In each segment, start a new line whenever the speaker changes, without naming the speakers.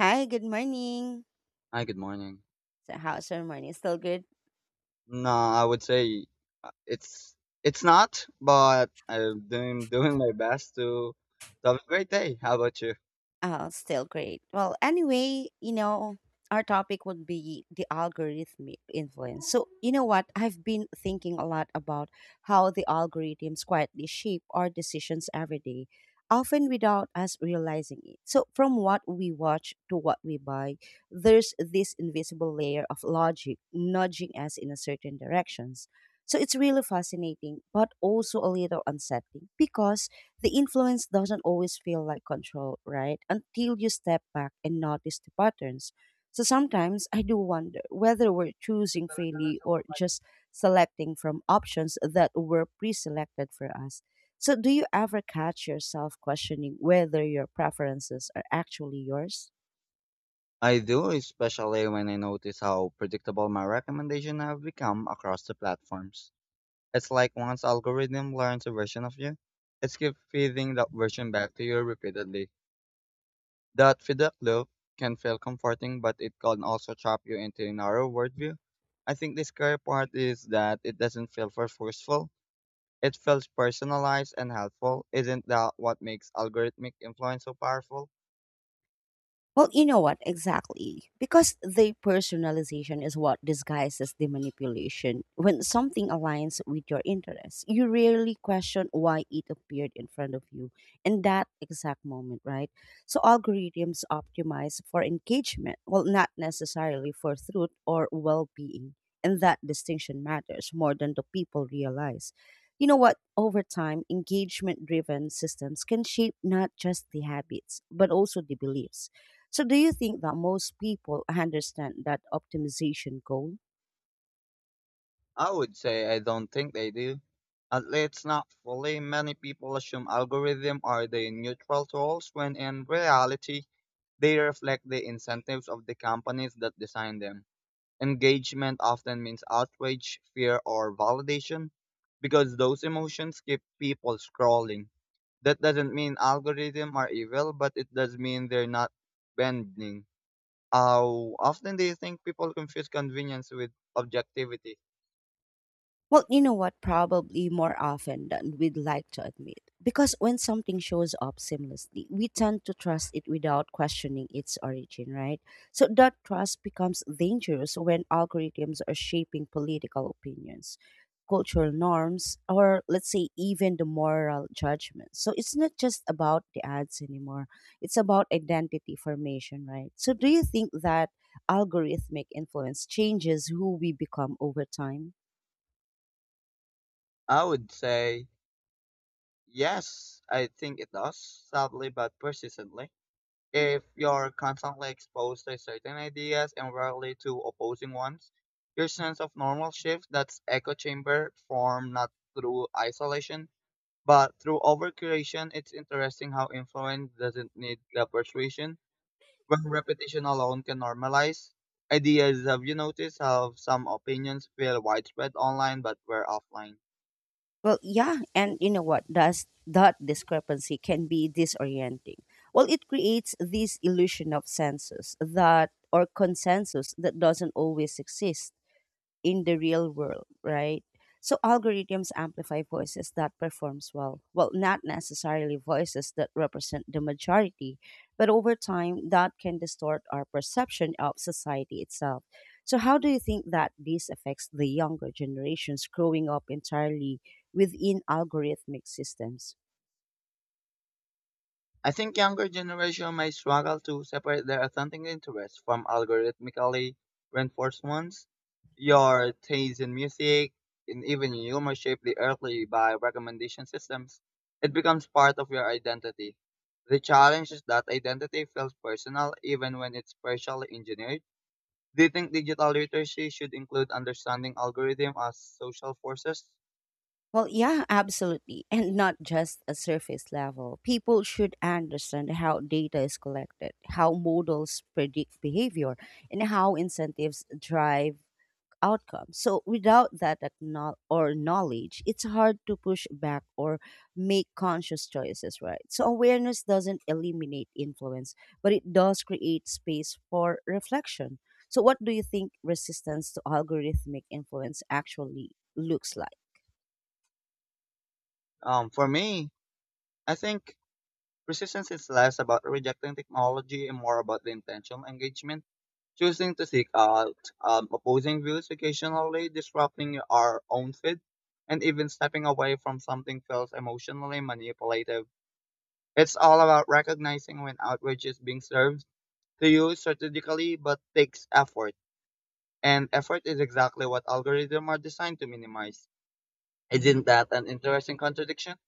Hi, good morning.
Hi, good morning.
So, how's your morning? Still good?
No, I would say uh, it's it's not, but I'm doing my best to have a great day. How about you?
Still great. Well, anyway, our topic would be the algorithmic influence. So, you know what? I've been thinking a lot about how the algorithms quietly shape our decisions every day, often without us realizing it. So, from what we watch to what we buy, there's this invisible layer of logic nudging us in a certain directions. So it's really fascinating, but also a little unsettling because the influence doesn't always feel like control, right? Until you step back and notice the patterns. So sometimes I do wonder whether we're choosing freely or just selecting from options that were pre selected for us. So, do you ever catch yourself questioning whether your preferences are actually yours?
I do, especially when I notice how predictable my recommendation have become across the platforms. It's like once algorithm learns a version of you, it's keep feeding that version back to you repeatedly. That feedback loop can feel comforting, but it can also trap you into a narrow worldview. I think the scary part is that it doesn't feel for forceful. It feels personalized and helpful. Isn't that what makes algorithmic influence so powerful?
Well, you know what? Exactly. Because the personalization is what disguises the manipulation. When something aligns with your interests, you rarely question why it appeared in front of you in that exact moment, right? So algorithms optimize for engagement, well, not necessarily for truth or well being. And that distinction matters more than the people realize. You know what? Over time, engagement driven systems can shape not just the habits, but also the beliefs. So, do you think that most people understand that optimization goal?
I would say I don't think they do. At least not fully. Many people assume algorithms are the neutral tools when in reality they reflect the incentives of the companies that design them. Engagement often means outrage, fear, or validation because those emotions keep people scrolling. That doesn't mean algorithms are evil, but it does mean they're not bending. How often do you think people confuse convenience with objectivity?
Well, you know what? Probably more often than we'd like to admit. Because when something shows up seamlessly, we tend to trust it without questioning its origin, right? So that trust becomes dangerous when algorithms are shaping political opinions, cultural norms, or let's say even the moral judgment. So it's not just about the ads anymore, it's about identity formation, right? So do you think that algorithmic influence changes who we become over time?
I would say yes, I think it does, sadly but persistently. If you're constantly exposed to certain ideas and rarely to opposing ones, your sense of normal shifts, that's echo chamber formed not through isolation, but through overcuration. It's interesting how influence doesn't need the persuasion. While repetition alone can normalize ideas, have you noticed how some opinions feel widespread online but were offline?
Well, yeah, and you know what? Does that discrepancy can be disorienting. Well, it creates this illusion of census that or consensus that doesn't always exist in the real world, right? So algorithms amplify voices that performs well. Well, not necessarily voices that represent the majority, but over time that can distort our perception of society itself. So how do you think that this affects the younger generations growing up entirely within algorithmic systems?
I think younger generation may struggle to separate their authentic interests from algorithmically reinforced ones. Your taste in music and even humor shaped the early by recommendation systems. It becomes part of your identity. The challenge is that identity feels personal even when it's partially engineered. Do you think digital literacy should include understanding algorithm as social forces?
Well, yeah, absolutely. And not just a surface level. People should understand how data is collected, how models predict behavior, and how incentives drive outcomes. So, without that acknowl- or knowledge, it's hard to push back or make conscious choices, right? So, awareness doesn't eliminate influence, but it does create space for reflection. So, what do you think resistance to algorithmic influence actually looks like?
For me, I think resistance is less about rejecting technology and more about the intentional engagement, choosing to seek out opposing views occasionally, disrupting our own feed, and even stepping away from something feels emotionally manipulative. It's all about recognizing when outrage is being served to you strategically, but takes effort. And effort is exactly what algorithms are designed to minimize. Isn't that an interesting contradiction?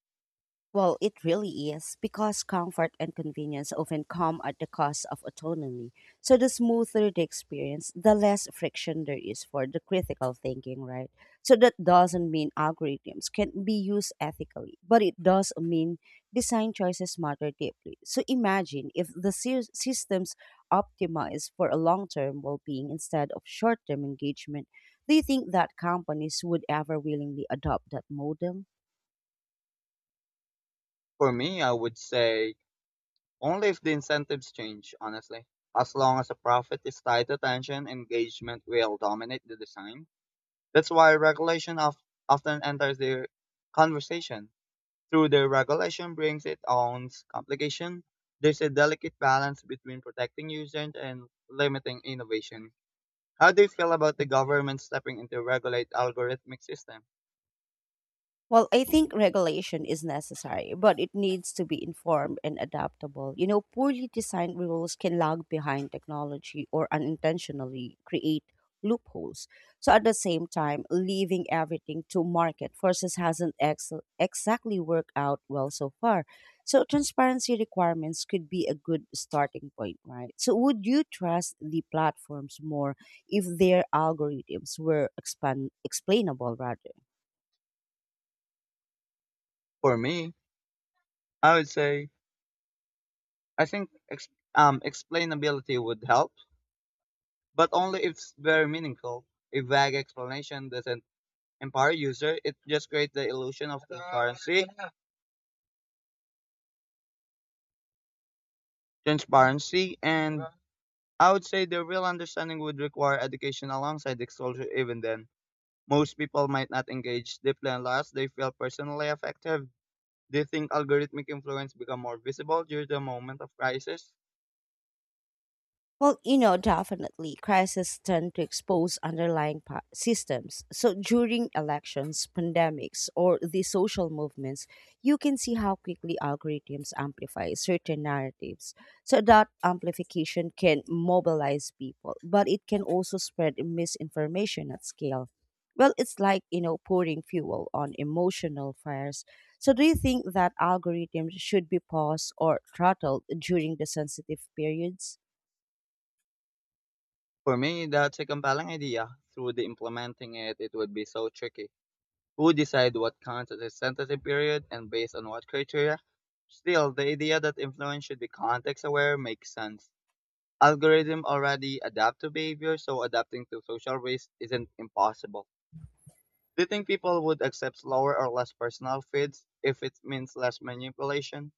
Well, it really is because comfort and convenience often come at the cost of autonomy. So, the smoother the experience, the less friction there is for the critical thinking, right? So, that doesn't mean algorithms can be used ethically, but it does mean design choices matter deeply. So, imagine if the systems optimize for a long term well being instead of short term engagement. Do you think that companies would ever willingly adopt that model?
For me, I would say only if the incentives change, honestly. As long as the profit is tied to attention, engagement will dominate the design. That's why regulation often enters the conversation. Through the regulation brings its own complication. There's a delicate balance between protecting users and limiting innovation. How do you feel about the government stepping in to regulate algorithmic system?
Well, I think regulation is necessary, but it needs to be informed and adaptable. Poorly designed rules can lag behind technology or unintentionally create loopholes. So, at the same time, leaving everything to market forces hasn't exactly worked out well so far. So, transparency requirements could be a good starting point, right? So, would you trust the platforms more if their algorithms were explainable rather?
For me, I would say I think explainability would help, but only if it's very meaningful. A vague explanation doesn't empower user; it just creates the illusion of transparency. Transparency, and I would say the real understanding would require education alongside exposure. Even then, most people might not engage deeply unless they feel personally affected. Do you think algorithmic influence become more visible during the moment of crisis?
Well, definitely crises tend to expose underlying systems. So during elections, pandemics, or the social movements, you can see how quickly algorithms amplify certain narratives. So that amplification can mobilize people, but it can also spread misinformation at scale. Well, it's like, pouring fuel on emotional fires. So do you think that algorithms should be paused or throttled during the sensitive periods?
For me, that's a compelling idea. Through the implementing it, it would be so tricky. Who decide what counts as a sentencing period and based on what criteria. Still, the idea that influence should be context aware makes sense. Algorithms already adapt to behavior, so adapting to social waste isn't impossible. Do you think people would accept slower or less personal feeds if it means less manipulation?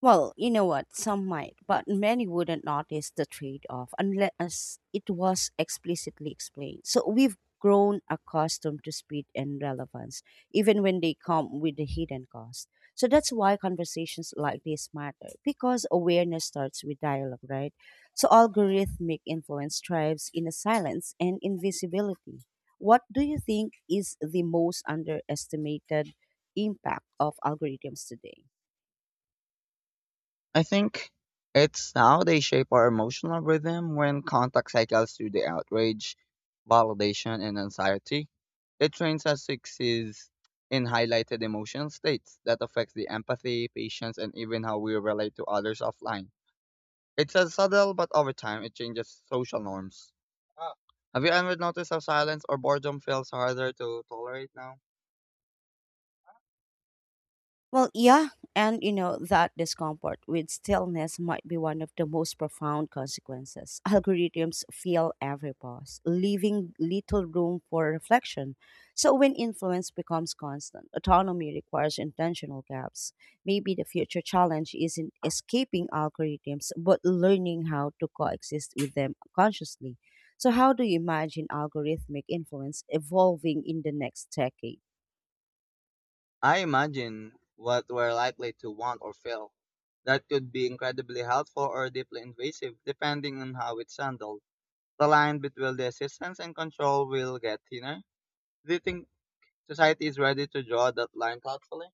Well, you know what? Some might, but many wouldn't notice the trade off unless it was explicitly explained. So we've grown accustomed to speed and relevance, even when they come with the hidden cost. So that's why conversations like this matter, because awareness starts with dialogue, right? So algorithmic influence thrives in a silence and invisibility. What do you think is the most underestimated impact of algorithms today?
I think it's how they shape our emotional rhythm when contact cycles through the outrage, validation, and anxiety. It trains us to exist in highlighted emotion states that affects the empathy, patience, and even how we relate to others offline. It's a subtle, but over time, it changes social norms. Ah. Have you ever noticed how silence or boredom feels harder to tolerate now?
Well, yeah, and that discomfort with stillness might be one of the most profound consequences. Algorithms fill every pause, leaving little room for reflection. So, when influence becomes constant, autonomy requires intentional gaps. Maybe the future challenge isn't escaping algorithms, but learning how to coexist with them consciously. So, how do you imagine algorithmic influence evolving in the next decade?
I imagine what we're likely to want or feel. That could be incredibly helpful or deeply invasive, depending on how it's handled. The line between the assistance and control will get thinner. Do you think society is ready to draw that line thoughtfully?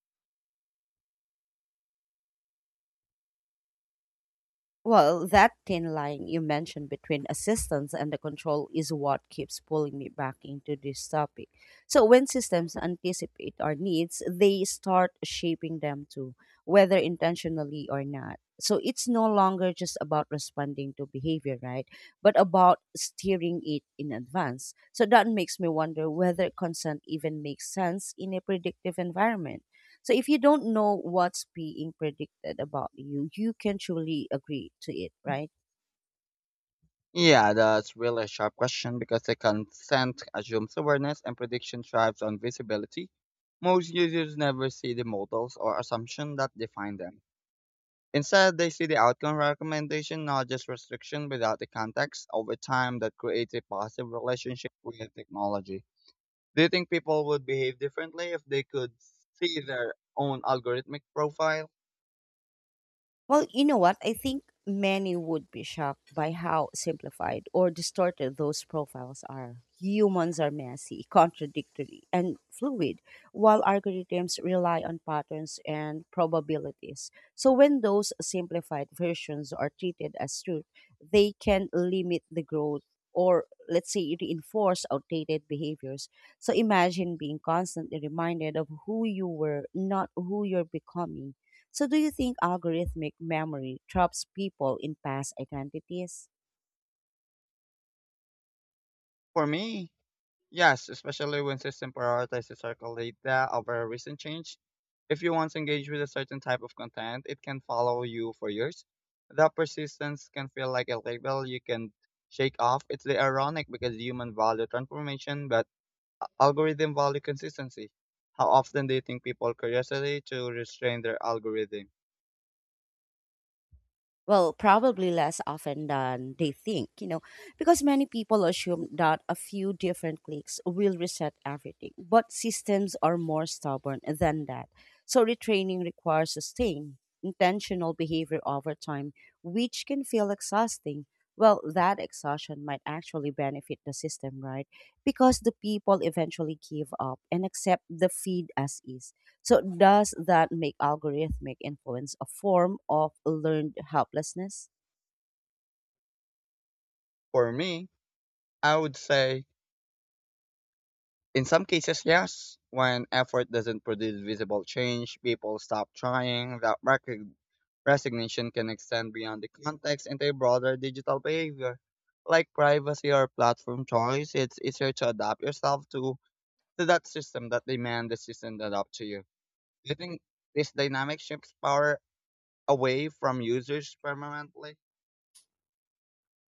Well, that thin line you mentioned between assistance and the control is what keeps pulling me back into this topic. So, when systems anticipate our needs, they start shaping them too, whether intentionally or not. So, it's no longer just about responding to behavior, right? But about steering it in advance. So, that makes me wonder whether consent even makes sense in a predictive environment. So if you don't know what's being predicted about you, you can truly agree to it, right?
Yeah, that's really a sharp question because the consent assumes awareness and prediction thrives on visibility. Most users never see the models or assumption that define them. Instead, they see the outcome recommendation, not just restriction without the context over time that creates a positive relationship with technology. Do you think people would behave differently if they could see their own algorithmic profile?
Well, you know what? I think many would be shocked by how simplified or distorted those profiles are. Humans are messy, contradictory, and fluid, while algorithms rely on patterns and probabilities. So, when those simplified versions are treated as truth, they can limit the growth or, let's say, reinforce outdated behaviors. So, imagine being constantly reminded of who you were, not who you're becoming. So, do you think algorithmic memory traps people in past identities?
For me, yes, especially when system prioritize historical data over recent change. If you once engage with a certain type of content, it can follow you for years. That persistence can feel like a label you can shake off. It's the ironic because human value transformation, but algorithm value consistency. How often do you think people curiosity to restrain their algorithm?
Well, probably less often than they think, because many people assume that a few different clicks will reset everything. But systems are more stubborn than that. So, retraining requires sustained, intentional behavior over time, which can feel exhausting. Well, that exhaustion might actually benefit the system, right? Because the people eventually give up and accept the feed as is. So, does that make algorithmic influence a form of learned helplessness?
For me, I would say in some cases yes. When effort doesn't produce visible change, people stop trying. That resignation can extend beyond the context into a broader digital behavior. Like privacy or platform choice, it's easier to adapt yourself to that system that demand the system to adapt to you. Do you think this dynamic shifts power away from users permanently?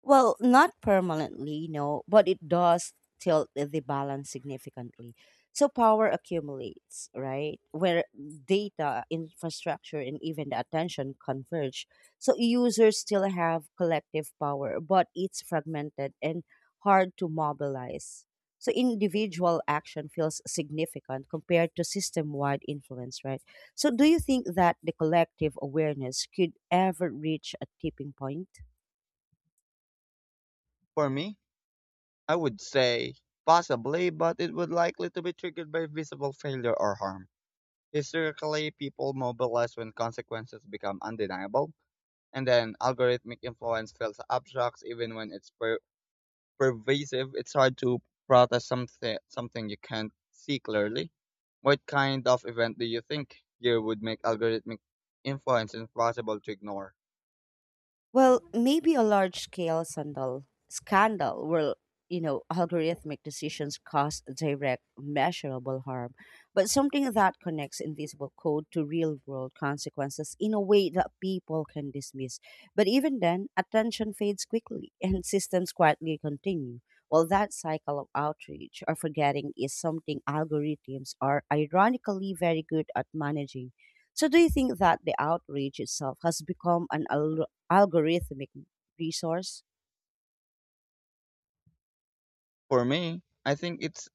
Well, not permanently, no, but it does tilt the balance significantly. So power accumulates, right? Where data, infrastructure, and even the attention converge. So users still have collective power, but it's fragmented and hard to mobilize. So individual action feels significant compared to system wide influence, right? So do you think that the collective awareness could ever reach a tipping point?
For me, I would say possibly, but it would likely to be triggered by visible failure or harm. Historically, people mobilize when consequences become undeniable, and then algorithmic influence feels abstract even when it's pervasive. It's hard to protest something you can't see clearly. What kind of event do you think here would make algorithmic influence impossible to ignore?
Well, maybe a large scale scandal where, algorithmic decisions cause direct, measurable harm, but something that connects invisible code to real world consequences in a way that people can dismiss. But even then, attention fades quickly and systems quietly continue. Well, that cycle of outrage or forgetting is something algorithms are ironically very good at managing. So, do you think that the outrage itself has become an algorithmic resource?
For me, I think it's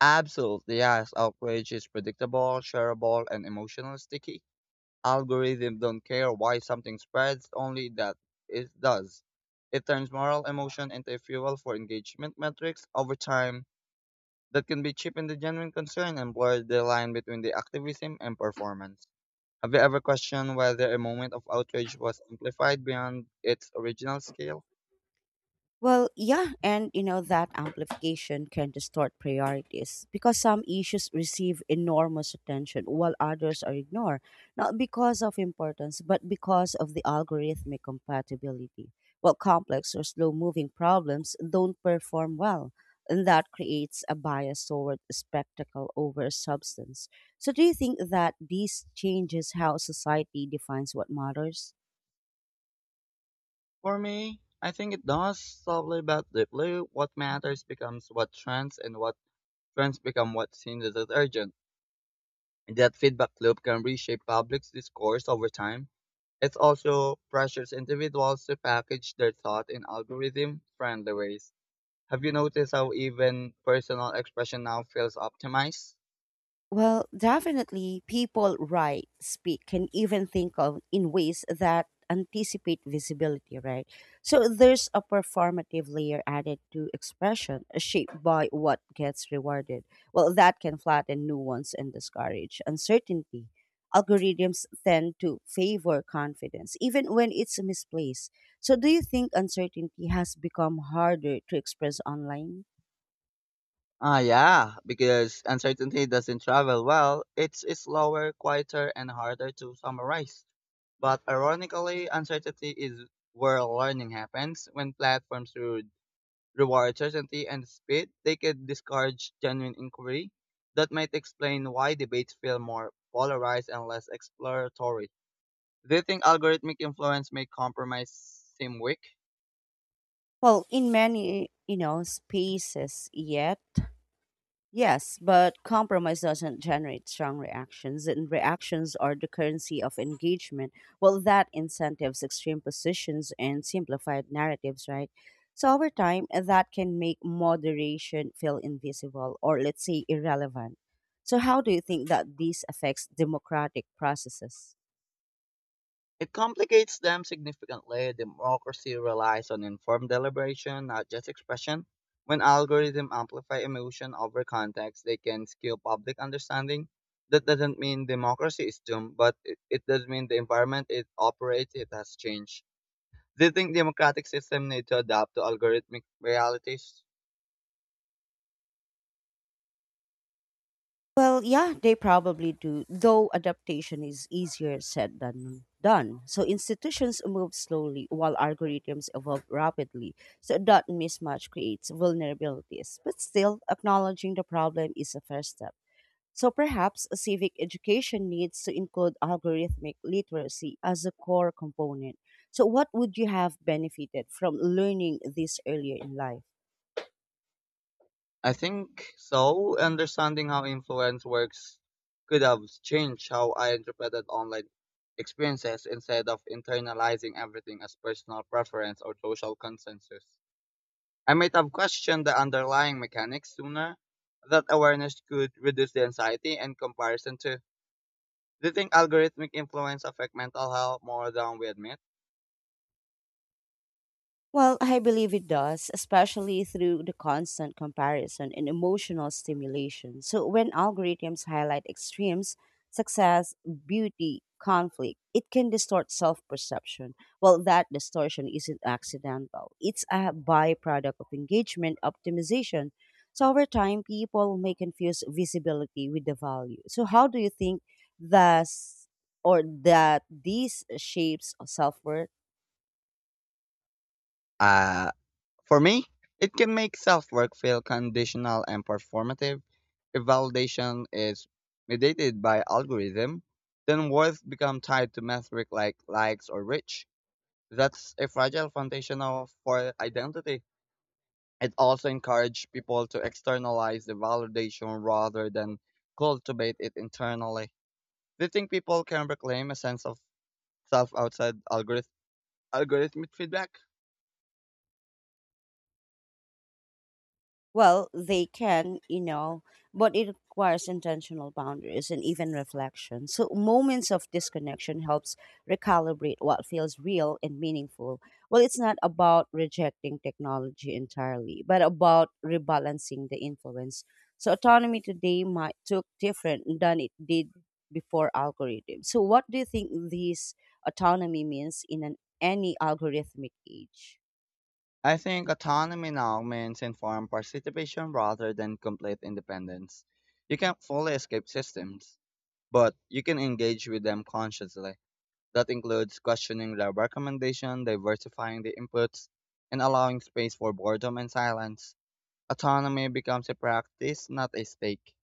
absolutely, yes. Outrage is predictable, shareable, and emotionally sticky. Algorithms don't care why something spreads, only that it does. It turns moral emotion into a fuel for engagement metrics over time that can be cheapened the genuine concern and blur the line between the activism and performance. Have you ever questioned whether a moment of outrage was amplified beyond its original scale?
Well, yeah, and you know that amplification can distort priorities because some issues receive enormous attention while others are ignored, not because of importance, but because of the algorithmic compatibility. Well, complex or slow moving problems don't perform well, and that creates a bias toward spectacle over substance. So, do you think that these changes how society defines what matters?
For me, I think it does, subtly but deeply. What matters becomes what trends and what trends become what seems as urgent, and that feedback loop can reshape public discourse over time. It also pressures individuals to package their thought in algorithm friendly ways. Have you noticed how even personal expression now feels optimized?
Well, definitely, people write, speak, and even think of in ways that anticipate visibility, right? So there's a performative layer added to expression, shaped by what gets rewarded. Well, that can flatten nuance and discourage uncertainty. Algorithms tend to favor confidence, even when it's misplaced. So, do you think uncertainty has become harder to express online?
Ah, yeah, because uncertainty doesn't travel well, it's slower, quieter, and harder to summarize. But ironically, uncertainty is where learning happens when platforms through reward certainty and speed, they could discourage genuine inquiry. That might explain why debates feel more polarized and less exploratory. Do you think algorithmic influence may compromise seem weak?
Well, in many, spaces, yet. Yes, but compromise doesn't generate strong reactions, and reactions are the currency of engagement. Well, that incentives extreme positions and simplified narratives, right? So, over time, that can make moderation feel invisible or, let's say, irrelevant. So, how do you think that this affects democratic processes?
It complicates them significantly. Democracy relies on informed deliberation, not just expression. When algorithms amplify emotion over context, they can skew public understanding. That doesn't mean democracy is doomed, but it does mean the environment it operates it has changed. Do you think democratic system need to adapt to algorithmic realities?
Well, yeah, they probably do, though adaptation is easier said than done. So institutions move slowly while algorithms evolve rapidly. So that mismatch creates vulnerabilities. But still, acknowledging the problem is a first step. So perhaps civic education needs to include algorithmic literacy as a core component. So, what would you have benefited from learning this earlier in life?
I think so. Understanding how influence works could have changed how I interpreted online experiences instead of internalizing everything as personal preference or social consensus. I might have questioned the underlying mechanics sooner. That awareness could reduce the anxiety and comparison too. Do you think algorithmic influence affect mental health more than we admit?
Well, I believe it does, especially through the constant comparison and emotional stimulation. So, when algorithms highlight extremes, success, beauty, conflict, it can distort self perception. Well, that distortion isn't accidental, it's a byproduct of engagement optimization. So, over time, people may confuse visibility with the value. So, how do you think thus or that these shapes of self worth?
Uh, For me, it can make self-work feel conditional and performative. If validation is mediated by algorithm, then worth become tied to metric like likes or reach. That's a fragile foundation for identity. It also encourages people to externalize the validation rather than cultivate it internally. Do you think people can reclaim a sense of self outside algorithmic feedback?
Well, they can, but it requires intentional boundaries and even reflection. So moments of disconnection helps recalibrate what feels real and meaningful. Well, it's not about rejecting technology entirely, but about rebalancing the influence. So autonomy today might look different than it did before algorithms. So what do you think this autonomy means in an any algorithmic age?
I think autonomy now means informed participation rather than complete independence. You can't fully escape systems, but you can engage with them consciously. That includes questioning their recommendation, diversifying the inputs, and allowing space for boredom and silence. Autonomy becomes a practice, not a stake.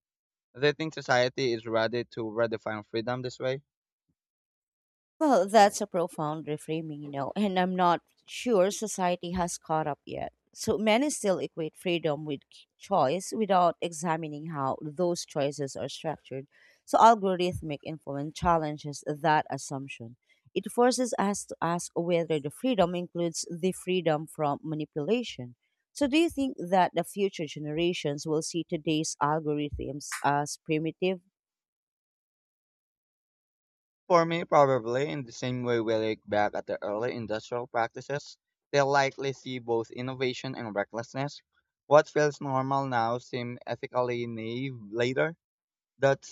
Do you think society is ready to redefine freedom this way?
Well, that's a profound reframing, and I'm not sure society has caught up yet. So many still equate freedom with choice without examining how those choices are structured. So algorithmic influence challenges that assumption. It forces us to ask whether the freedom includes the freedom from manipulation. So, do you think that the future generations will see today's algorithms as primitive?
For me, probably in the same way we look back at the early industrial practices, they will likely see both innovation and recklessness. What feels normal now seems ethically naive later. That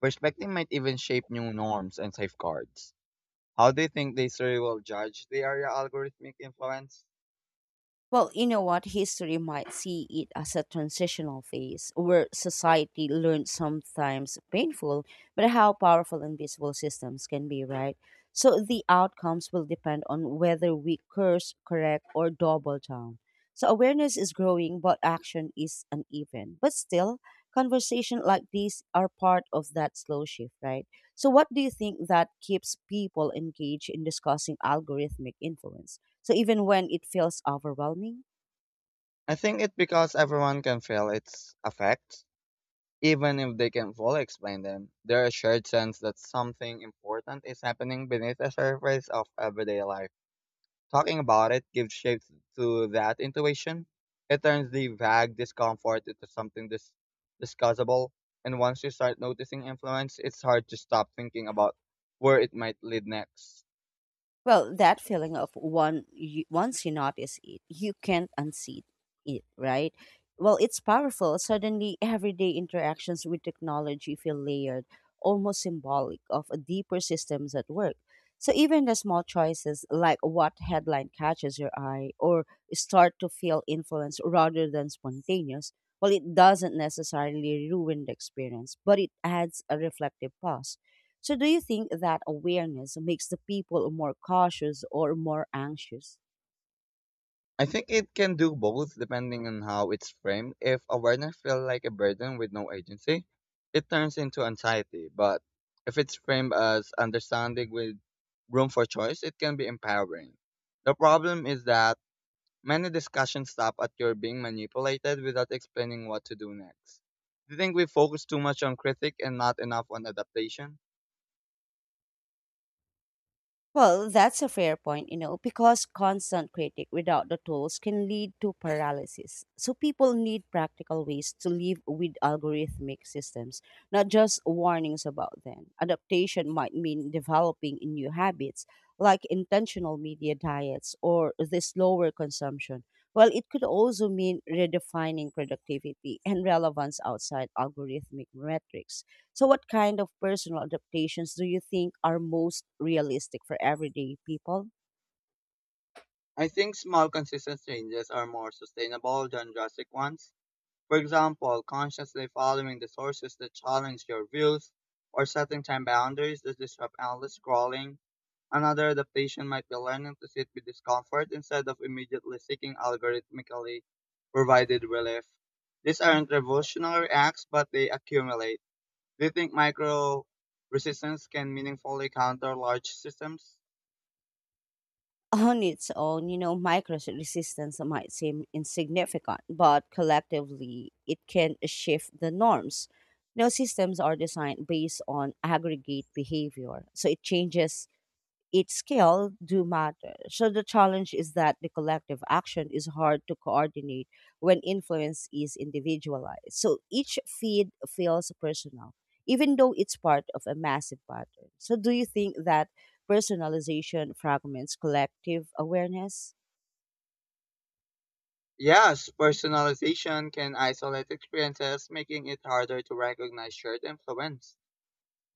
perspective might even shape new norms and safeguards. How do you think the history will judge the area algorithmic influence?
Well, you know what? History might see it as a transitional phase where society learns sometimes painful, but how powerful and visible systems can be, right? So the outcomes will depend on whether we curse, correct, or double down. So awareness is growing, but action is uneven. But still, conversation like these are part of that slow shift, right? So what do you think that keeps people engaged in discussing algorithmic influence? So even when it feels overwhelming,
I think it's because everyone can feel its effects, even if they can fully explain them. There's a shared sense that something important is happening beneath the surface of everyday life. Talking about it gives shape to that intuition. It turns the vague discomfort into something discussable. And once you start noticing influence, it's hard to stop thinking about where it might lead next.
well, that feeling of once you notice it, you can't unsee it, right? Well, it's powerful. Suddenly, everyday interactions with technology feel layered, almost symbolic of a deeper systems at work. So even the small choices, like what headline catches your eye, or start to feel influenced rather than spontaneous, well, it doesn't necessarily ruin the experience, but it adds a reflective pause. So, do you think that awareness makes the people more cautious or more anxious?
I think it can do both depending on how it's framed. If awareness feels like a burden with no agency, it turns into anxiety. But if it's framed as understanding with room for choice, it can be empowering. The problem is that many discussions stop at your being manipulated without explaining what to do next. Do you think we focus too much on critique and not enough on adaptation?
Well, that's a fair point, you know, because constant critic without the tools can lead to paralysis. So people need practical ways to live with algorithmic systems, not just warnings about them. Adaptation might mean developing new habits like intentional media diets or the slower consumption. Well, it could also mean redefining productivity and relevance outside algorithmic metrics. So, what kind of personal adaptations do you think are most realistic for everyday people?
I think small consistent changes are more sustainable than drastic ones. For example, consciously following the sources that challenge your views or setting time boundaries that disrupt endless scrolling. Another adaptation might be learning to sit with discomfort instead of immediately seeking algorithmically provided relief. These aren't revolutionary acts, but they accumulate. Do you think micro resistance can meaningfully counter large systems?
On its own, you know, micro resistance might seem insignificant, but collectively it can shift the norms. You know, systems are designed based on aggregate behavior, so it changes each scale do matter. So the challenge is that the collective action is hard to coordinate when influence is individualized. So each feed feels personal, even though it's part of a massive pattern. So do you think that personalization fragments collective awareness?
Yes, personalization can isolate experiences, making it harder to recognize shared influence.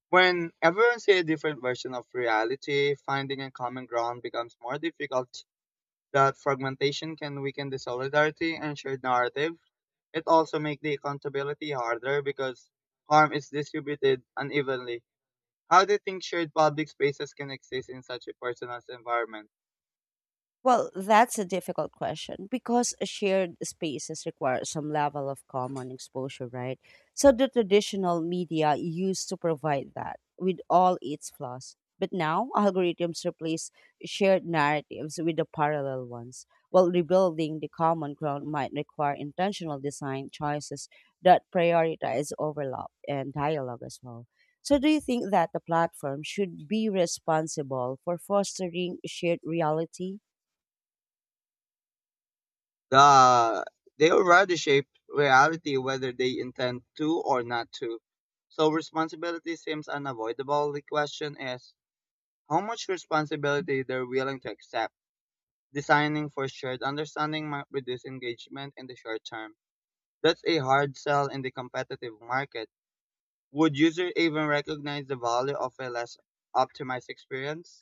When everyone sees a different version of reality, finding a common ground becomes more difficult. That fragmentation can weaken the solidarity and shared narrative. It also makes the accountability harder because harm is distributed unevenly. How do you think shared public spaces can exist in such a personalized environment?
Well, that's a difficult question because shared spaces require some level of common exposure, right? So the traditional media used to provide that with all its flaws. But now algorithms replace shared narratives with the parallel ones. While rebuilding the common ground might require intentional design choices that prioritize overlap and dialogue as well. So, do you think that the platform should be responsible for fostering shared reality?
The they already shape reality whether they intend to or not to. So responsibility seems unavoidable. The question is how much responsibility they're willing to accept. Designing for shared understanding might reduce engagement in the short term. That's a hard sell in the competitive market. Would users even recognize the value of a less optimized experience?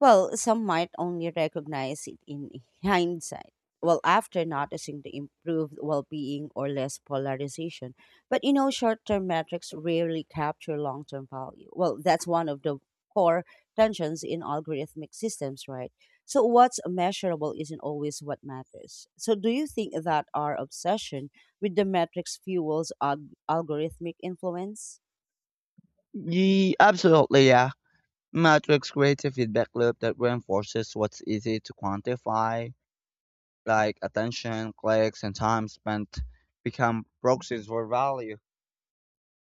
Well, some might only recognize it in hindsight. Well, after noticing the improved well being or less polarization. But you know, short term metrics rarely capture long term value. Well, that's one of the core tensions in algorithmic systems, right? So, what's measurable isn't always what matters. So, do you think that our obsession with the metrics fuels algorithmic influence?
Ye absolutely, yeah. Metrics creates a feedback loop that reinforces what's easy to quantify, like attention, clicks, and time spent become proxies for value.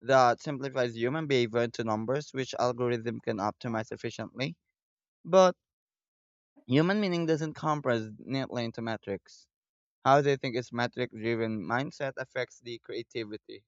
That simplifies human behavior into numbers, which algorithm can optimize efficiently. But human meaning doesn't compress neatly into metrics. How they think its metric driven mindset affects the creativity.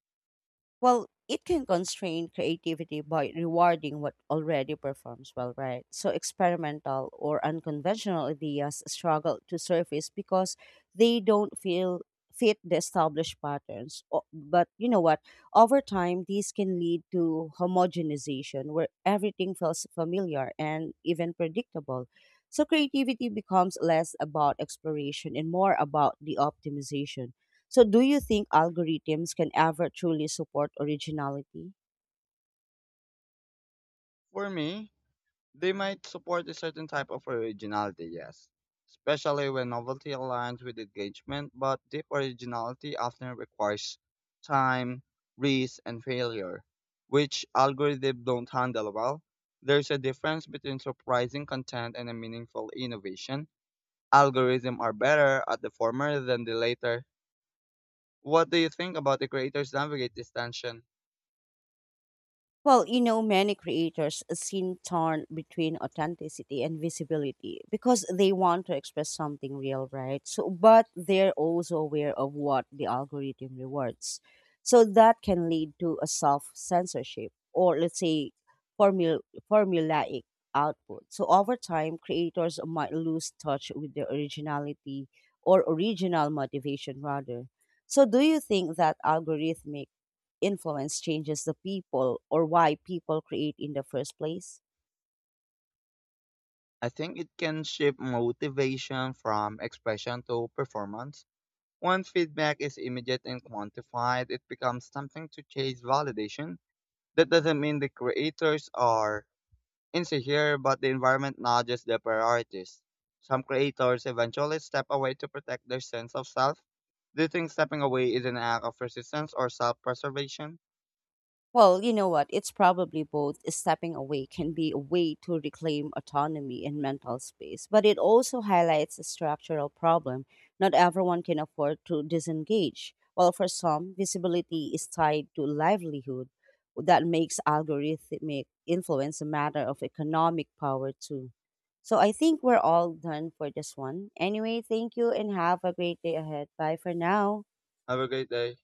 Well, it can constrain creativity by rewarding what already performs well, right? So experimental or unconventional ideas struggle to surface because they don't feel fit the established patterns. But you know what? Over time, these can lead to homogenization where everything feels familiar and even predictable. So creativity becomes less about exploration and more about the optimization. So, do you think algorithms can ever truly support originality?
For me, they might support a certain type of originality, yes. Especially when novelty aligns with engagement, but deep originality often requires time, risk, and failure, which algorithms don't handle well. There's a difference between surprising content and a meaningful innovation. Algorithms are better at the former than the latter. What do you think about the creators navigate this tension?
Well, you know, many creators seem torn between authenticity and visibility because they want to express something real, right? So, but they're also aware of what the algorithm rewards. So that can lead to a self censorship or let's say formula, formulaic output. So over time, creators might lose touch with their originality or original motivation rather. So do you think that algorithmic influence changes the people or why people create in the first place?
I think it can shift motivation from expression to performance. When feedback is immediate and quantified, it becomes something to chase validation. That doesn't mean the creators are insecure, but the environment nudges their priorities. Some creators eventually step away to protect their sense of self. Do you think stepping away is an act of resistance or self preservation?
Well, you know what? It's probably both. Stepping away can be a way to reclaim autonomy and mental space, but it also highlights a structural problem. Not everyone can afford to disengage. While for some, visibility is tied to livelihood. That makes algorithmic influence a matter of economic power, too. So I think we're all done for this one. Anyway, thank you and have a great day ahead. Bye for now.
Have a great day.